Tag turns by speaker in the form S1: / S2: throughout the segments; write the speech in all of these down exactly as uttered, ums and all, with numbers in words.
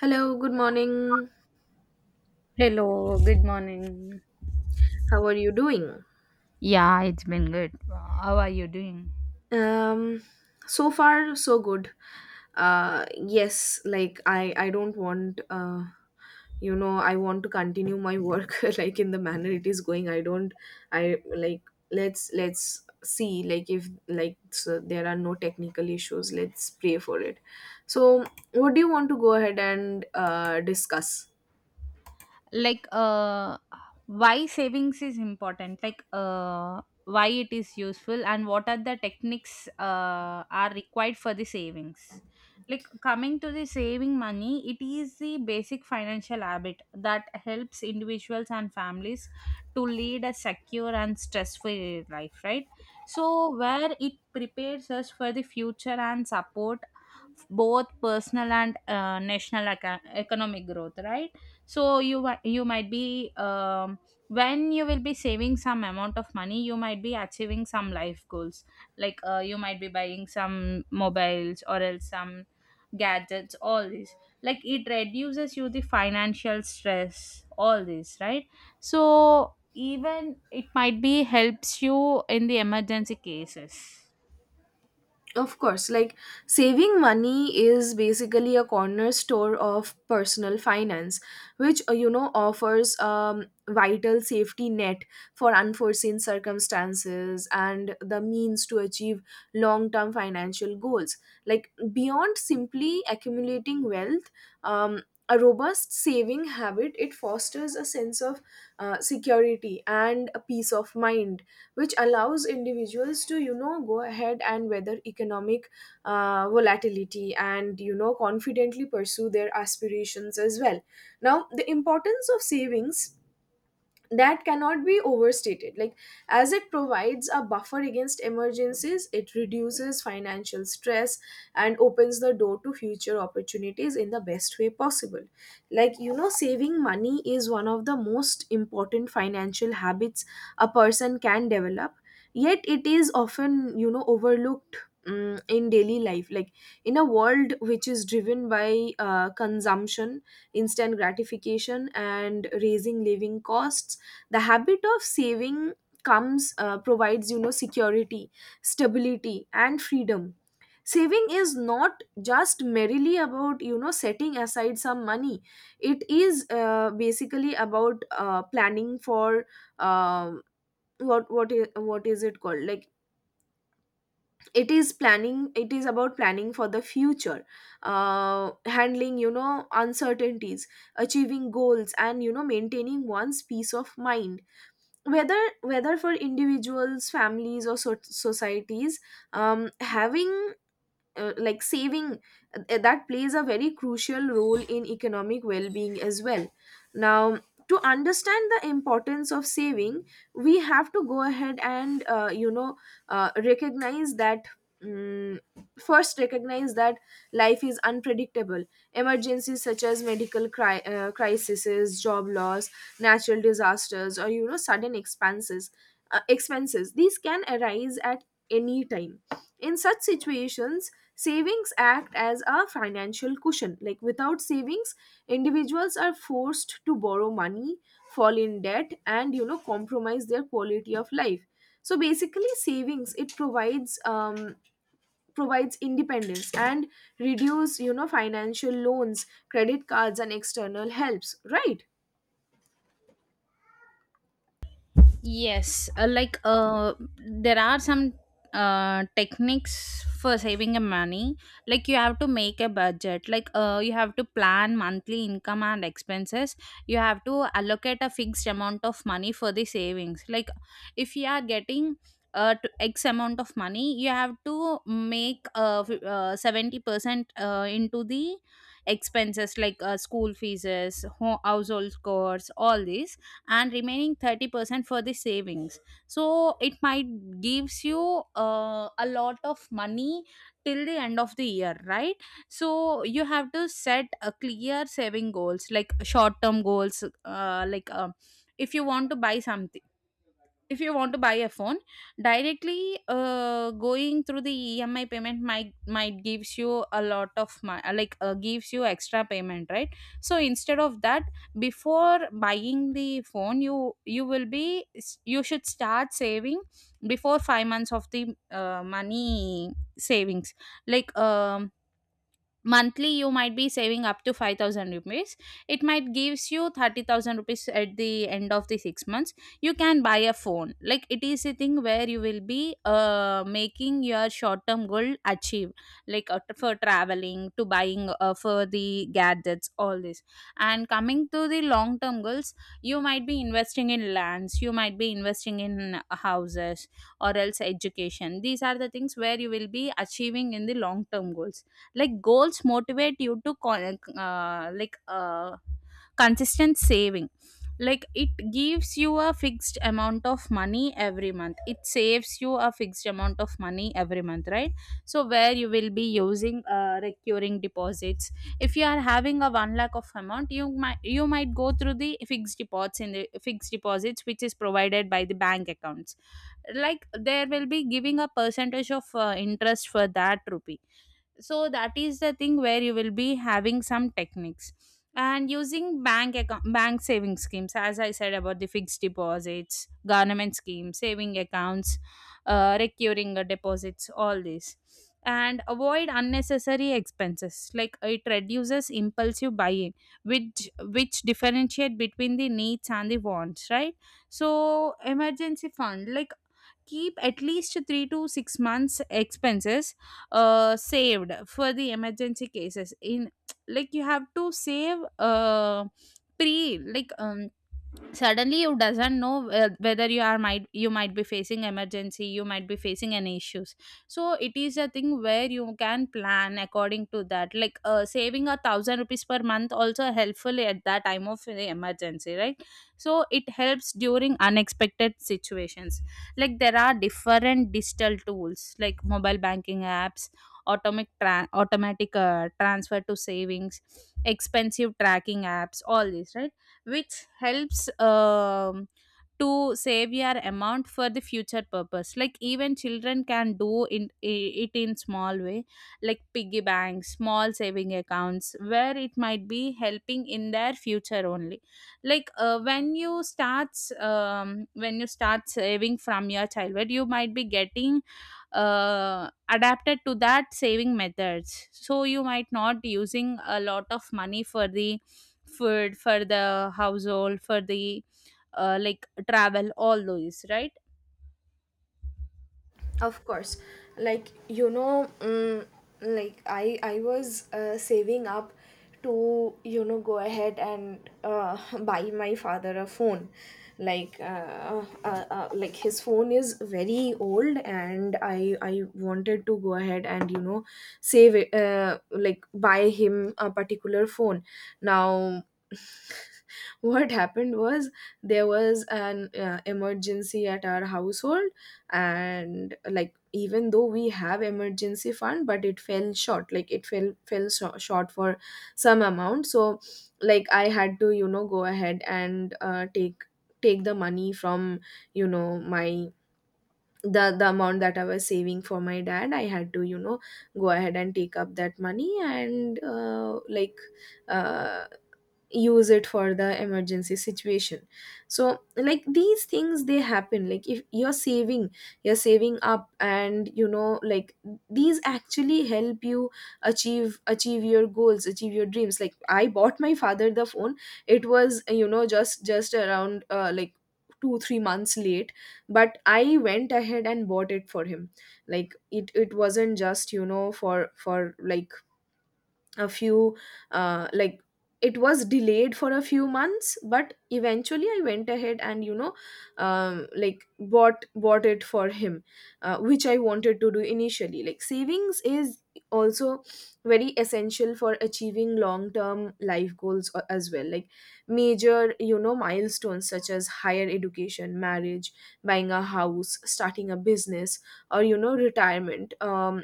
S1: Hello, good morning.
S2: Hello, good morning.
S1: How are you doing?
S2: Yeah, it's been good. How are you doing?
S1: Um, so far so good. Uh, yes, like I I don't want uh, you know, I want to continue my work like in the manner it is going. I don't I like let's let's see, like if like so there are no technical issues. Let's pray for it. So, what do you want to go ahead and uh discuss?
S2: Like, uh, why savings is important? Like, uh, why it is useful and what are the techniques uh, are required for the savings? Like coming to the saving money, it is the basic financial habit that helps individuals and families to lead a secure and stress-free life, right? So where it prepares us for the future and support both personal and uh, national eco- economic growth, right? So you wa- you might be um, when you will be saving some amount of money, you might be achieving some life goals. Like uh, you might be buying some mobiles or else some gadgets, all this. Like it reduces you the financial stress, all this, right? So even it might be helps you in the emergency cases.
S1: Of course, like saving money is basically a corner store of personal finance, which uh, you know offers um vital safety net for unforeseen circumstances and the means to achieve long-term financial goals. Like beyond simply accumulating wealth, um, a robust saving habit, it fosters a sense of uh, security and a peace of mind, which allows individuals to, you know, go ahead and weather economic uh, volatility, and, you know, confidently pursue their aspirations as well. Now, the importance of savings, that cannot be overstated, like as it provides a buffer against emergencies, it reduces financial stress and opens the door to future opportunities in the best way possible. Like, you know, saving money is one of the most important financial habits a person can develop, yet it is often, you know, overlooked mm, in daily life. Like in a world which is driven by uh, consumption, instant gratification and raising living costs, the habit of saving comes, uh, provides, you know, security, stability and freedom. Saving is not just merely about, you know, setting aside some money. It is, uh, basically about, uh, planning for, um what what is what is it called, like, it is planning it is about planning for the future, uh, handling, you know, uncertainties, achieving goals, and, you know, maintaining one's peace of mind. Whether whether for individuals, families or so- societies, um, having uh, like saving, uh, that plays a very crucial role in economic well-being as well. Now, to understand the importance of saving, we have to go ahead and, uh, you know, uh, recognize that, mm, first recognize that life is unpredictable. Emergencies such as medical cri- uh, crises, job loss, natural disasters, or, you know, sudden expanses uh, expenses. These can arise at any time. In such situations, savings act as a financial cushion. Like without savings, individuals are forced to borrow money, fall in debt, and, you know, compromise their quality of life. So basically, savings it provides um, provides independence and reduce, you know, financial loans, credit cards, and external helps. Right.
S2: Yes, uh, like uh, there are some uh, techniques for saving a money. Like you have to make a budget. Like uh, you have to plan monthly income and expenses. You have to allocate a fixed amount of money for the savings. Like if you are getting uh, to X amount of money, you have to make uh, f- uh, seventy percent uh, into the expenses like uh, school fees, ho- household costs, all these, and remaining thirty percent for the savings. So it might gives you uh, a lot of money till the end of the year, right? So you have to set a clear saving goals like short term goals, uh, like um if you want to buy something, if you want to buy a phone. Directly uh, going through the emi payment might might gives you a lot of my, like uh, gives you extra payment, right? So instead of that, before buying the phone, you you will be, you should start saving before five months of the uh, money savings. like um monthly you might be saving up to five thousand rupees. It might gives you thirty thousand rupees at the end of the six months. You can buy a phone. Like it is a thing where you will be uh, making your short term goal achieve, like uh, for traveling, to buying uh, for the gadgets, all this. And coming to the long term goals, you might be investing in lands, you might be investing in houses or else education. These are the things where you will be achieving in the long term goals. Like goals motivate you to con- uh, like uh, consistent saving. Like it gives you a fixed amount of money every month, it saves you a fixed amount of money every month, right? So where you will be using uh, recurring deposits. If you are having a one lakh of amount, you might you might go through the fixed deposits. In the fixed deposits, which is provided by the bank accounts, like there will be giving a percentage of uh, interest for that rupee. So that is the thing where you will be having some techniques and using bank account, bank saving schemes, as I said, about the fixed deposits, government schemes, saving accounts, uh, recurring uh, deposits, all this. And avoid unnecessary expenses, like it reduces impulsive buying, which which differentiate between the needs and the wants, right? So emergency fund, like keep at least three to six months expenses uh, saved for the emergency cases in. Like you have to save uh, pre like um suddenly you doesn't know uh, whether you are might you might be facing emergency, you might be facing any issues. So it is a thing where you can plan according to that. like uh, saving a thousand rupees per month also helpful at that time of the emergency, right? So it helps during unexpected situations. Like there are different digital tools like mobile banking apps, automatic tra- automatic uh, transfer to savings, expensive tracking apps, all this, right? Which helps um, to save your amount for the future purpose. Like even children can do in, i- it in small way, like piggy banks, small saving accounts, where it might be helping in their future only. like uh, when you start um, when you start saving from your childhood, you might be getting uh, adapted to that saving methods, so you might not using a lot of money for the food, for the household, for the uh, like travel, all those, right?
S1: Of course, like, you know, mm, like I I was, uh, saving up to, you know, go ahead and uh, buy my father a phone. Like, uh, uh, uh, like his phone is very old, and I I wanted to go ahead and, you know, save it, uh, like buy him a particular phone. Now, what happened was there was an uh, emergency at our household, and like even though we have emergency fund, but it fell short, like it fell fell sho- short for some amount. So like I had to, you know, go ahead and uh, take take the money from, you know, my, the the amount that I was saving for my dad. I had to, you know, go ahead and take up that money and, uh, like uh, use it for the emergency situation. So like these things, they happen. Like if you're saving, you're saving up, and, you know, like these actually help you achieve achieve your goals, achieve your dreams. Like I bought my father the phone. It was, you know, just just around, uh, like two three months late, but I went ahead and bought it for him. Like it it wasn't just, you know, for for like a few, uh, like it was delayed for a few months, but eventually I went ahead and, you know, um, like bought bought it for him, uh, which I wanted to do initially. Like savings is also very essential for achieving long term life goals a- as well. Like major, you know, milestones such as higher education, marriage, buying a house, starting a business, or, you know, retirement. um,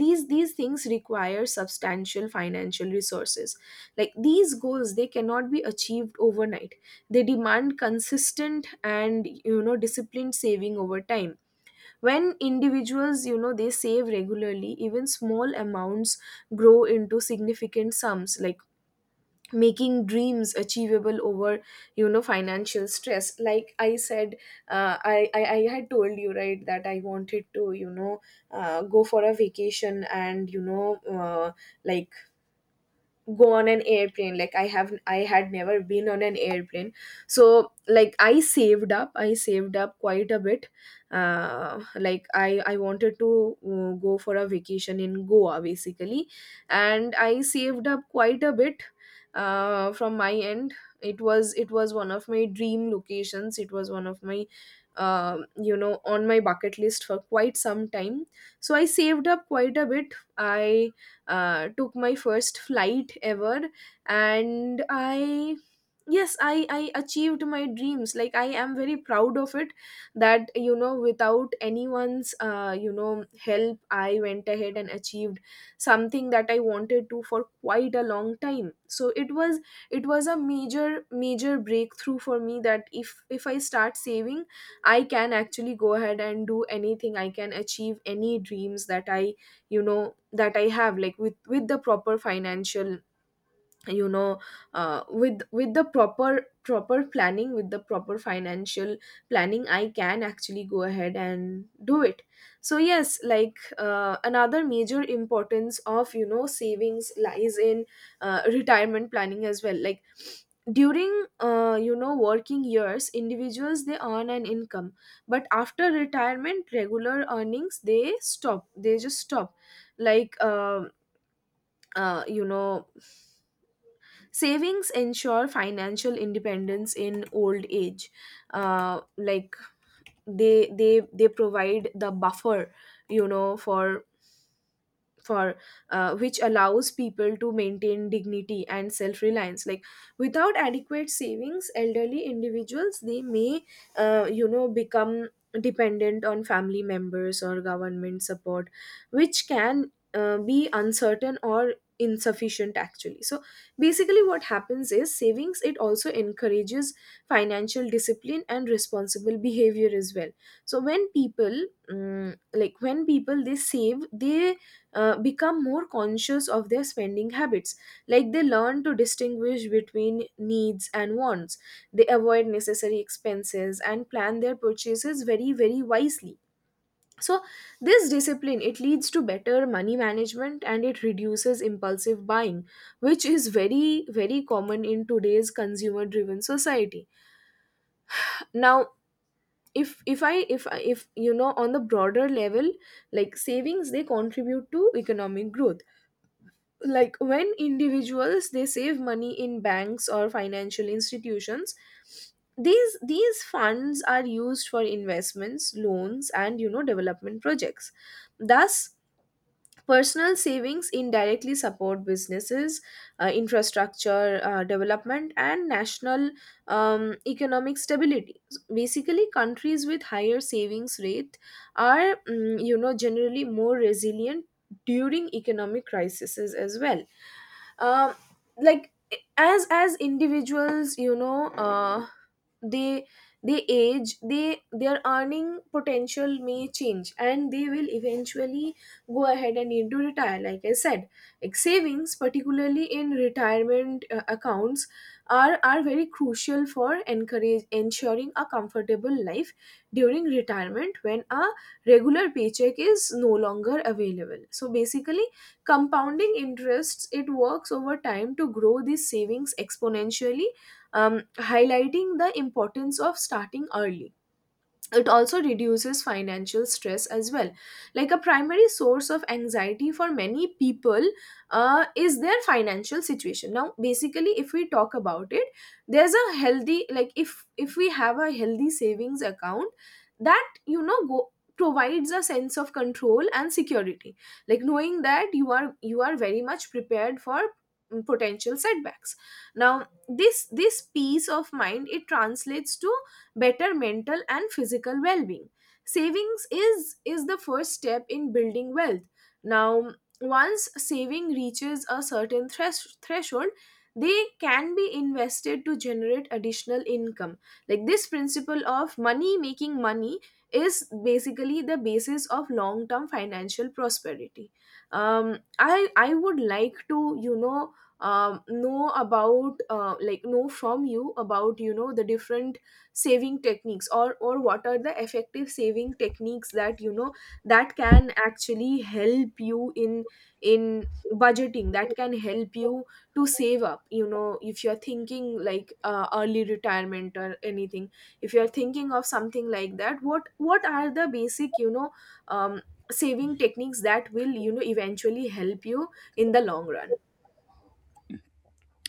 S1: these these things require substantial financial resources. Like these goals, they cannot be achieved overnight. They demand consistent and, you know, disciplined saving over time. When individuals, you know, they save regularly, even small amounts grow into significant sums, like making dreams achievable over, you know, financial stress. Like I said, uh, I, I i had told you, right, that I wanted to, you know, uh, go for a vacation, and, you know, uh, like go on an airplane. Like I have, I had never been on an airplane. So like i saved up i saved up quite a bit. Uh, like i i wanted to, uh, go for a vacation in Goa basically, and I saved up quite a bit, uh, from my end. It was, it was one of my dream locations. It was one of my, um you know, on my bucket list for quite some time. So I saved up quite a bit. I uh, took my first flight ever, and I yes I I achieved my dreams. Like I am very proud of it that, you know, without anyone's, uh, you know, help, I went ahead and achieved something that I wanted to for quite a long time. So it was it was a major major breakthrough for me that if, if I start saving, I can actually go ahead and do anything. I can achieve any dreams that I, you know that I have, like with, with the proper financial, you know, uh, with with the proper proper planning, with the proper financial planning, I can actually go ahead and do it. So yes, like, uh, another major importance of, you know, savings lies in, uh, retirement planning as well. Like during, uh, you know, working years, individuals, they earn an income, but after retirement, regular earnings, they stop they just stop. Like, uh, uh, you know savings ensure financial independence in old age, uh, like they they they provide the buffer, you know, for for uh, which allows people to maintain dignity and self-reliance. Like without adequate savings, elderly individuals, they may, uh, you know, become dependent on family members or government support, which can, uh, be uncertain or insufficient actually. So basically what happens is, savings, it also encourages financial discipline and responsible behavior as well. So when people, um, like when people, they save, they, uh, become more conscious of their spending habits. Like they learn to distinguish between needs and wants. They avoid necessary expenses and plan their purchases very very wisely. So this discipline, it leads to better money management, and it reduces impulsive buying, which is very very common in today's consumer driven society. Now, if if i if I- if you know, on the broader level, like savings, they contribute to economic growth. Like when individuals, they save money in banks or financial institutions, these these funds are used for investments, loans, and, you know, development projects. Thus, personal savings indirectly support businesses, uh, infrastructure, uh, development, and national, um, economic stability. Basically, countries with higher savings rate are, mm, you know, generally more resilient during economic crises as well. um like as as individuals, you know, uh they they age, they their earning potential may change, and they will eventually go ahead and need to retire. Like I said, like savings, particularly in retirement, uh, accounts, are, are very crucial for encourage ensuring a comfortable life during retirement, when a regular paycheck is no longer available. So basically, compounding interests, it works over time to grow these savings exponentially, um, highlighting the importance of starting early. It also reduces financial stress as well. Like a primary source of anxiety for many people, uh, is their financial situation. Now, basically if we talk about it, there's a healthy, like if, if we have a healthy savings account, that, you know, go provides a sense of control and security. Like knowing that you are, you are very much prepared for, mm, potential setbacks. Now this, this peace of mind, it translates to better mental and physical well-being. Savings is, is the first step in building wealth. Now, once saving reaches a certain thresh- threshold, they can be invested to generate additional income, like this principle of money making money is basically the basis of long term financial prosperity. Um i i would like to, you know, um, know about, uh, like know from you about, you know, the different saving techniques, or, or what are the effective saving techniques that, you know, that can actually help you in, in budgeting, that can help you to save up, you know, if you're thinking like, uh, early retirement or anything. If you're thinking of something like that, what what are the basic, you know, um, saving techniques that will, you know, eventually help you in the long run.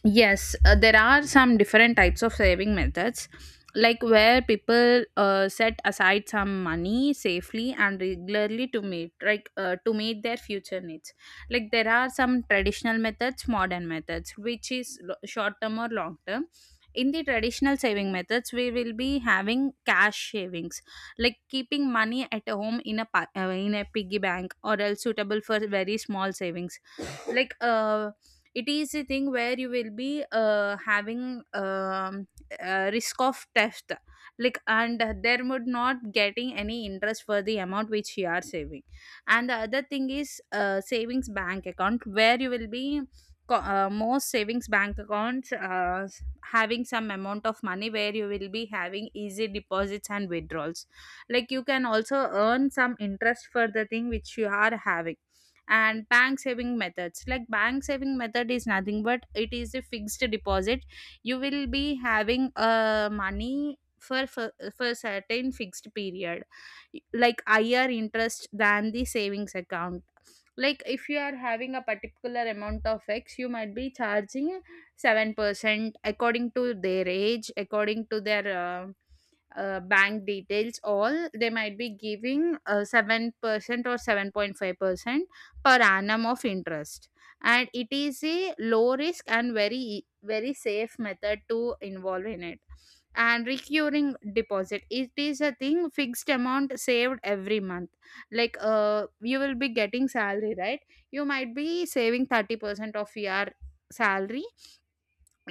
S2: Yes, uh, there are some different types of saving methods, like where people uh, set aside some money safely and regularly to meet, like uh, to meet their future needs. Like there are some traditional methods, modern methods, which is lo- short term or long term. In the traditional saving methods, we will be having cash savings, like keeping money at home in a pa- uh, in a piggy bank, or else suitable for very small savings. like uh it is a thing where you will be uh having um uh, risk of theft. Like, and there would not getting any interest for the amount which you are saving. And the other thing is uh, savings bank account, where you will be co- uh, most savings bank accounts uh, s- having some amount of money, where you will be having easy deposits and withdrawals. Like you can also earn some interest for the thing which you are having. And bank saving methods, like bank saving method is nothing but it is a fixed deposit. You will be having uh, money for, for for certain fixed period. Like higher interest than the savings account. Like if you are having a particular amount of X, you might be charging seven percent according to their age, according to their uh, uh, bank details, all they might be giving uh, seven percent or seven point five percent per annum of interest. And it is a low risk and very e, very safe method to involve in it. And recurring deposit, it is a thing fixed amount saved every month. like uh you will be getting salary, right? You might be saving thirty percent of your salary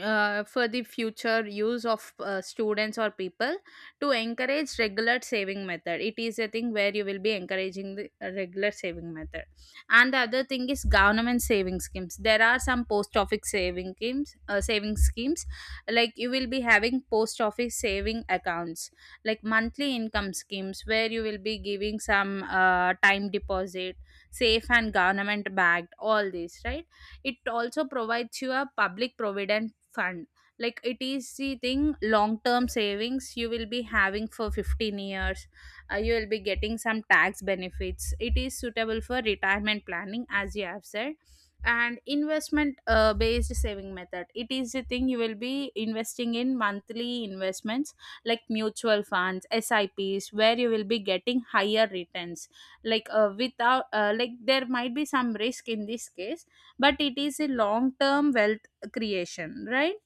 S2: uh, for the future use of uh, students or people. To encourage regular saving method, it is a thing where you will be encouraging the uh, regular saving method. And the other thing is government saving schemes. There are some post office saving schemes, uh, saving schemes. Like you will be having post office saving accounts, like monthly income schemes, where you will be giving some uh, time deposit, safe and government backed, all these, right? It also provides you a public provident fund. Like it is the thing long term savings, you will be having for fifteen years. Uh, you will be getting some tax benefits, it is suitable for retirement planning as you have said. And investment uh, based saving method, it is the thing you will be investing in monthly investments like mutual funds, sips, where you will be getting higher returns. Like uh, without uh, like there might be some risk in this case, but it is a long term wealth creation, right?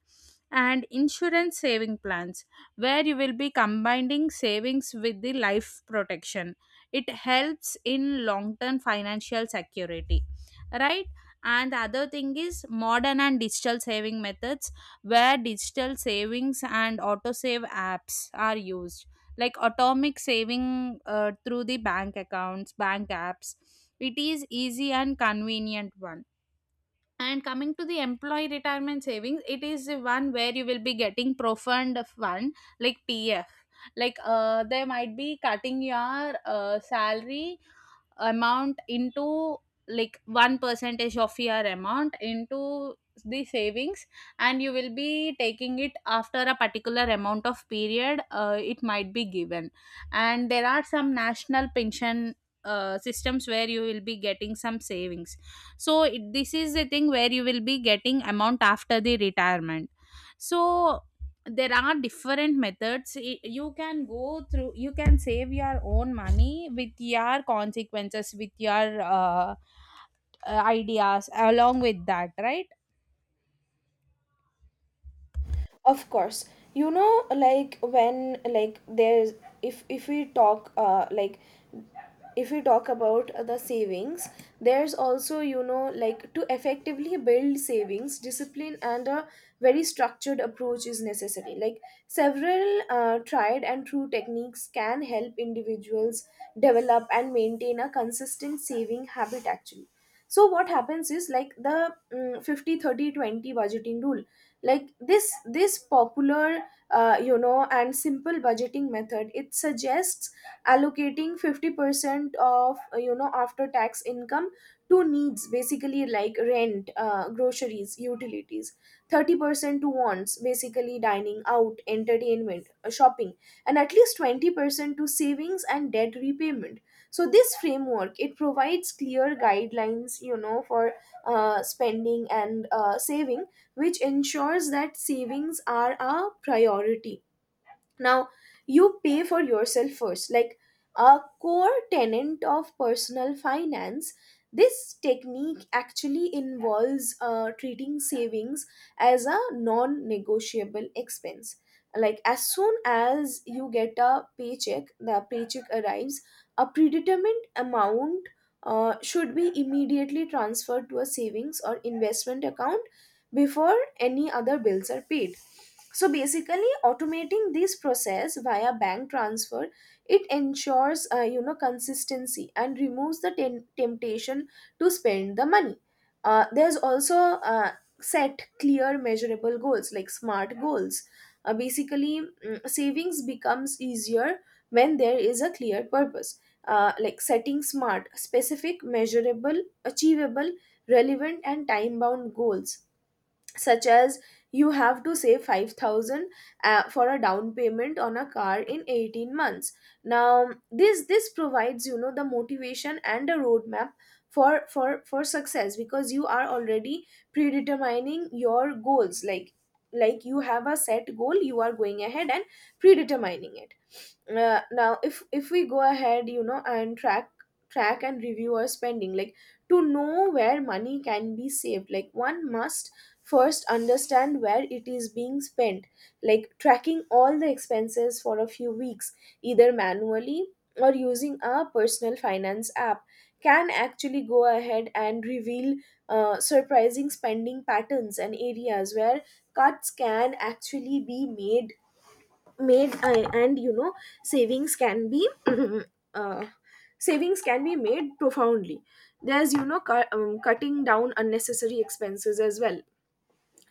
S2: And insurance saving plans, where you will be combining savings with the life protection. It helps in long term financial security, right? And the other thing is modern and digital saving methods, where digital savings and auto save apps are used, like atomic saving uh, through the bank accounts, bank apps. It is easy and convenient one. And coming to the employee retirement savings, it is the one where you will be getting profound fund like P F. Like uh, they might be cutting your uh, salary amount into, like one percentage of your amount into the savings, and you will be taking it after a particular amount of period, uh, it might be given. And there are some national pension uh, systems, where you will be getting some savings. So it, this is the thing where you will be getting amount after the retirement. So there are different methods I- you can go through, you can save your own money with your consequences, with your uh, uh, ideas along with that, right?
S1: Of course, you know, like when like there's if if we talk uh like if we talk about uh, the savings, there's also, you know, like, to effectively build savings discipline, and a very structured approach is necessary. Like several uh, tried and true techniques can help individuals develop and maintain a consistent saving habit, actually. So what happens is, like, the mm fifty thirty twenty budgeting rule. Like, this this popular, uh, you know, and simple budgeting method, it suggests allocating fifty percent of, uh, you know, after tax income to needs, basically like rent, uh, groceries, utilities; thirty percent to wants, basically dining out, entertainment, uh, shopping; and at least twenty percent to savings and debt repayment. So this framework, it provides clear guidelines, you know, for uh, spending and uh, saving, which ensures that savings are a priority. Now, you pay for yourself first, like a core tenant of personal finance. This technique actually involves uh, treating savings as a non-negotiable expense. Like, as soon as you get a paycheck the paycheck arrives, a predetermined amount uh, should be immediately transferred to a savings or investment account before any other bills are paid. So basically automating this process via bank transfer, it ensures, uh, you know, consistency, and removes the tem- temptation to spend the money. Uh, there's also, uh, set clear, measurable goals, like smart goals. Uh, basically, mm, savings becomes easier when there is a clear purpose. Uh, like setting smart, specific, measurable, achievable, relevant, and time bound goals, such as you have to save five thousand uh, for a down payment on a car in eighteen months. Now, this this provides, you know, the motivation and a roadmap for for for success, because you are already predetermining your goals. like like you have a set goal, you are going ahead and predetermining it. Uh, now, if if we go ahead, you know, and track, track and review our spending, like to know where money can be saved, like one must first understand where it is being spent. Like, tracking all the expenses for a few weeks, either manually or using a personal finance app, can actually go ahead and reveal uh, surprising spending patterns and areas where cuts can actually be made made uh, And, you know, savings can be uh, savings can be made profoundly. There's, you know, cu- um, cutting down unnecessary expenses as well.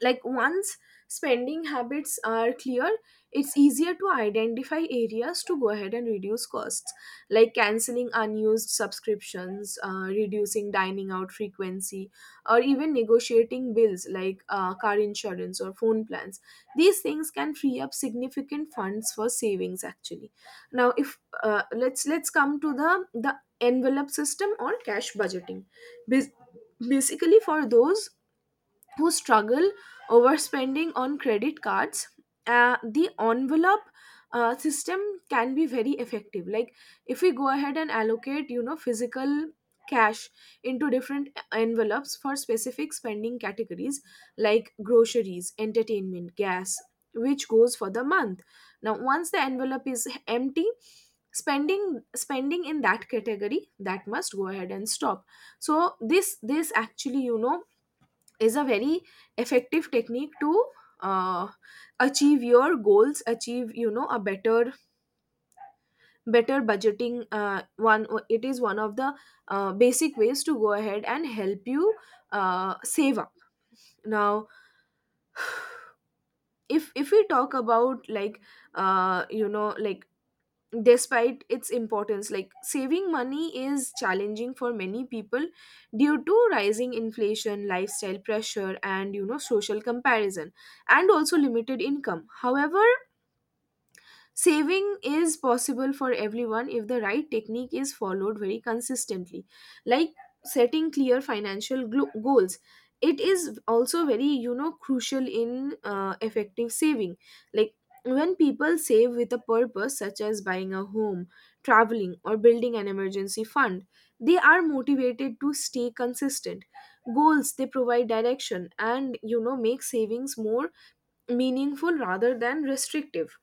S1: Like, once spending habits are clear, it's easier to identify areas to go ahead and reduce costs, like canceling unused subscriptions, uh, reducing dining out frequency, or even negotiating bills like uh, car insurance or phone plans. These things can free up significant funds for savings, actually. Now, if uh, let's let's come to the the envelope system, or cash budgeting. Bas- Basically, for those who struggle over spending on credit cards, uh, the envelope uh, system can be very effective. Like, if we go ahead and allocate, you know, physical cash into different envelopes for specific spending categories like groceries, entertainment, gas, which goes for the month. Now, once the envelope is empty, spending spending in that category, that must go ahead and stop. So this this actually, you know, is a very effective technique to uh, achieve your goals, achieve, you know, a better better budgeting. Uh, one it is one of the uh, basic ways to go ahead and help you uh, save up. Now, if if we talk about, like, uh, you know, like, despite its importance, like, saving money is challenging for many people due to rising inflation, lifestyle pressure, and, you know, social comparison, and also limited income. However, saving is possible for everyone if the right technique is followed very consistently. Like, setting clear financial glo- goals, it is also very, you know, crucial in uh, effective saving. Like, when people save with a purpose, such as buying a home, traveling, or building an emergency fund, they are motivated to stay consistent. Goals, they provide direction and, you know, make savings more meaningful rather than restrictive.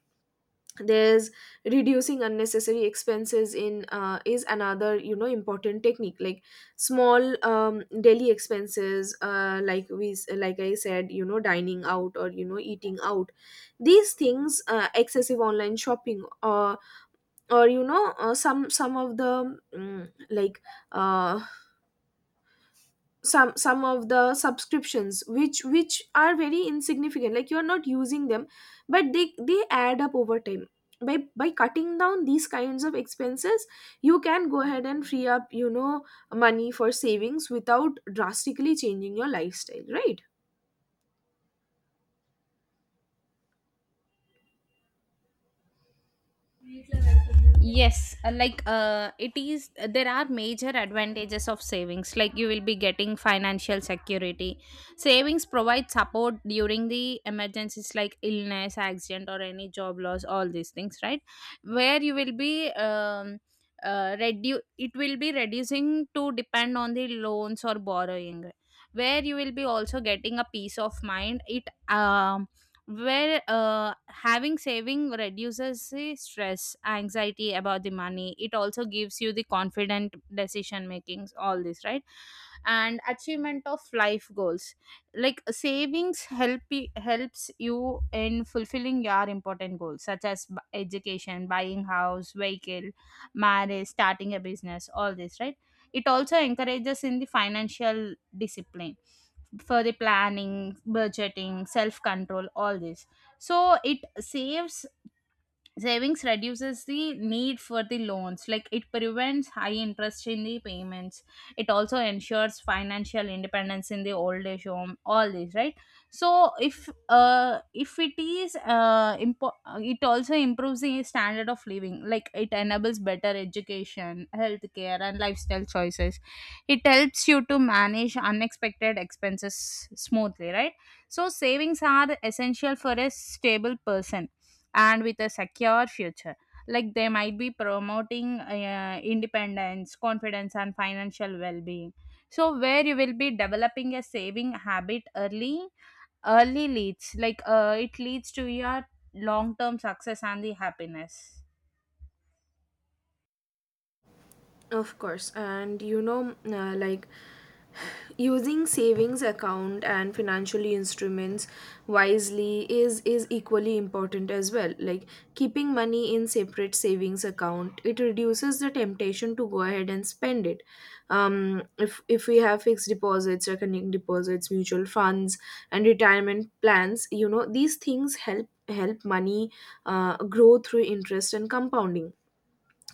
S1: There's reducing unnecessary expenses in uh, is another, you know, important technique. Like, small um, daily expenses, uh, like, we like I said, you know, dining out, or, you know, eating out, these things, uh, excessive online shopping, or or you know, uh, some some of the mm, like uh, some some of the subscriptions which which are very insignificant, like you're not using them but they they add up over time. By by cutting down these kinds of expenses, you can go ahead and free up, you know, money for savings without drastically changing your lifestyle, right?
S2: Yes, uh, like uh, it is, there are major advantages of savings. Like you will be getting financial security. Savings provide support during the emergencies like illness, accident, or any job loss, all these things, right? Where you will be, um, uh, redu- it will be reducing to depend on the loans or borrowing. Where you will be also getting a peace of mind. It um where uh, having saving reduces the stress anxiety about the money, it also gives you the confident decision makings, all this, right? And achievement of life goals, like savings help you, helps you in fulfilling your important goals such as b- education, buying house, vehicle, marriage, starting a business, all this, right? It also encourages in the financial discipline for the planning, budgeting, self control, all this. So it saves, savings reduces the need for the loans, like it prevents high interest in the payments. It also ensures financial independence in the old age home, all this, right? So if uh if it is uh impo- it also improves the standard of living, like it enables better education, healthcare, and lifestyle choices. It helps you to manage unexpected expenses smoothly, right? So savings are essential for a stable person and with a secure future. Like they might be promoting uh, independence, confidence, and financial well-being. So where you will be developing a saving habit early, early leads, like uh, it leads to your long-term success and the happiness.
S1: Of course, and, you know, uh, like, using savings account and financial instruments wisely is is equally important as well. Like, keeping money in separate savings account, it reduces the temptation to go ahead and spend it. Um, if if we have fixed deposits, reckoning deposits, mutual funds, and retirement plans, you know, these things help help money uh, grow through interest and compounding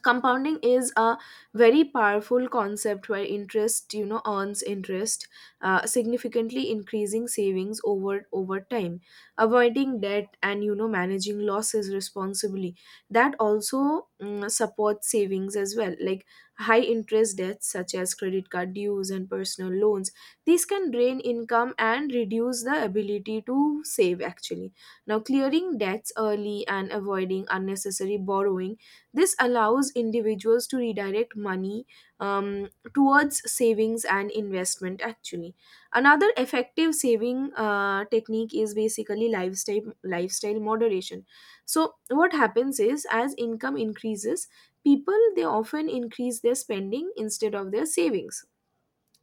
S1: compounding is a very powerful concept where interest, you know, earns interest, uh, significantly increasing savings over over time. Avoiding debt, and, you know, managing losses responsibly, that also, mm, supports savings as well. Like, high interest debts such as credit card dues and personal loans, these can drain income and reduce the ability to save, actually. Now, clearing debts early and avoiding unnecessary borrowing, this allows individuals to redirect money um, towards savings and investment, actually. Another effective saving uh, technique is basically lifestyle, lifestyle moderation. So what happens is, as income increases, people they often increase their spending instead of their savings.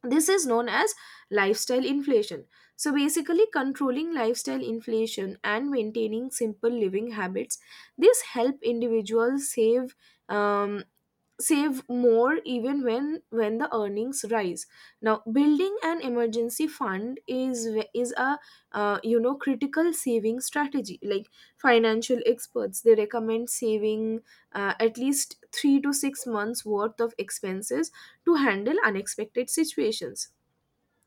S1: This is known as lifestyle inflation. So basically controlling lifestyle inflation and maintaining simple living habits, this help individuals save, um, save more, even when when the earnings rise. Now, building an emergency fund is w- is a uh, you know, critical saving strategy. Like, financial experts, they recommend saving uh, at least three to six months worth of expenses to handle unexpected situations.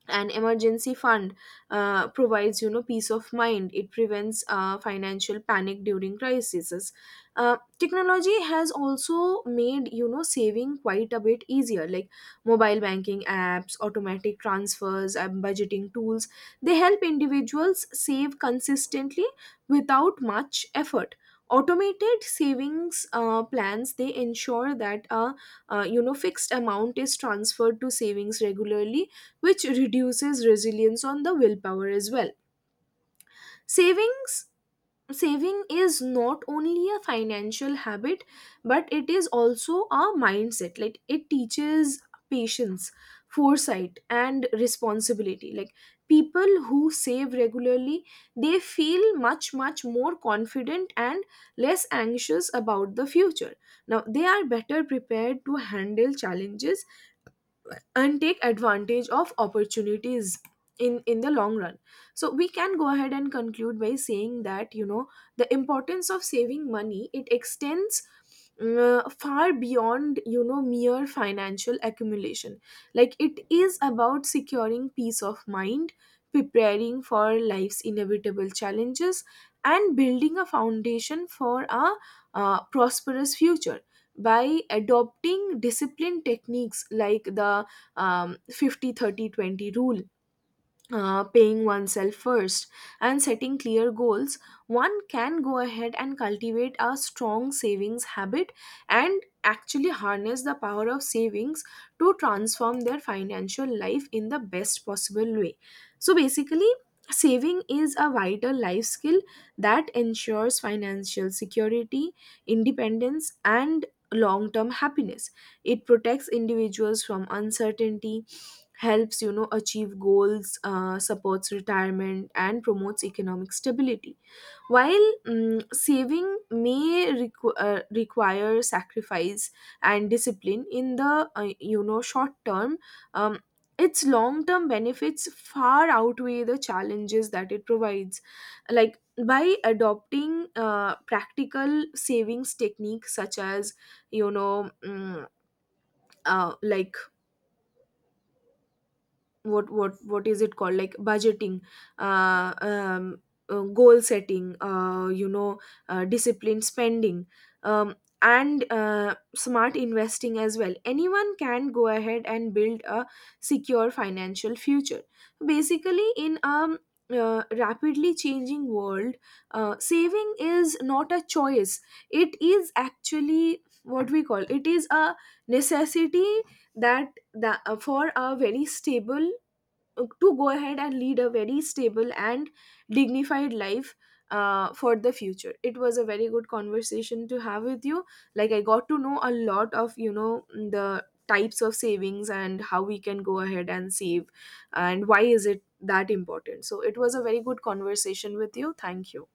S1: An emergency fund uh, provides, you know, peace of mind, it prevents uh, financial panic during crises. Uh, technology has also made, you know, saving quite a bit easier. Like mobile banking apps, automatic transfers, and budgeting tools, they help individuals save consistently without much effort. Automated savings uh, plans, they ensure that a uh, you know, fixed amount is transferred to savings regularly, which reduces resilience on the willpower as well. Savings Saving is not only a financial habit, but it is also a mindset. Like, it teaches patience, foresight, and responsibility. Like, people who save regularly, they feel much much more confident and less anxious about the future. Now they are better prepared to handle challenges and take advantage of opportunities in in the long run. So we can go ahead and conclude by saying that, you know, the importance of saving money, it extends uh, far beyond, you know, mere financial accumulation. Like, it is about securing peace of mind, preparing for life's inevitable challenges, and building a foundation for a uh, prosperous future. By adopting disciplined techniques like the um, fifty, thirty, twenty rule, uh, paying oneself first, and setting clear goals, one can go ahead and cultivate a strong savings habit, and actually harness the power of savings to transform their financial life in the best possible way. So basically, saving is a vital life skill that ensures financial security, independence, and long term happiness. It protects individuals from uncertainty, helps, you know, achieve goals, uh, supports retirement, and promotes economic stability. While, mm saving may requ- uh, require sacrifice and discipline in the, uh, you know, short term, um, its long term benefits far outweigh the challenges that it provides. Like, by adopting uh, practical savings techniques such as, you know, mm, uh, like, what what what is it called, like, budgeting, uh, um, uh, goal setting, uh, you know, uh, disciplined spending, um, and uh, smart investing as well, anyone can go ahead and build a secure financial future. Basically, in a um, uh, rapidly changing world, uh, saving is not a choice, it is actually, what we call, it is a necessity that, that uh, for a very stable to go ahead and lead a very stable and dignified life uh, for the future. It was a very good conversation to have with you. Like, I got to know a lot of, you know, the types of savings and how we can go ahead and save, and why is it that important. So it was a very good conversation with you. Thank you.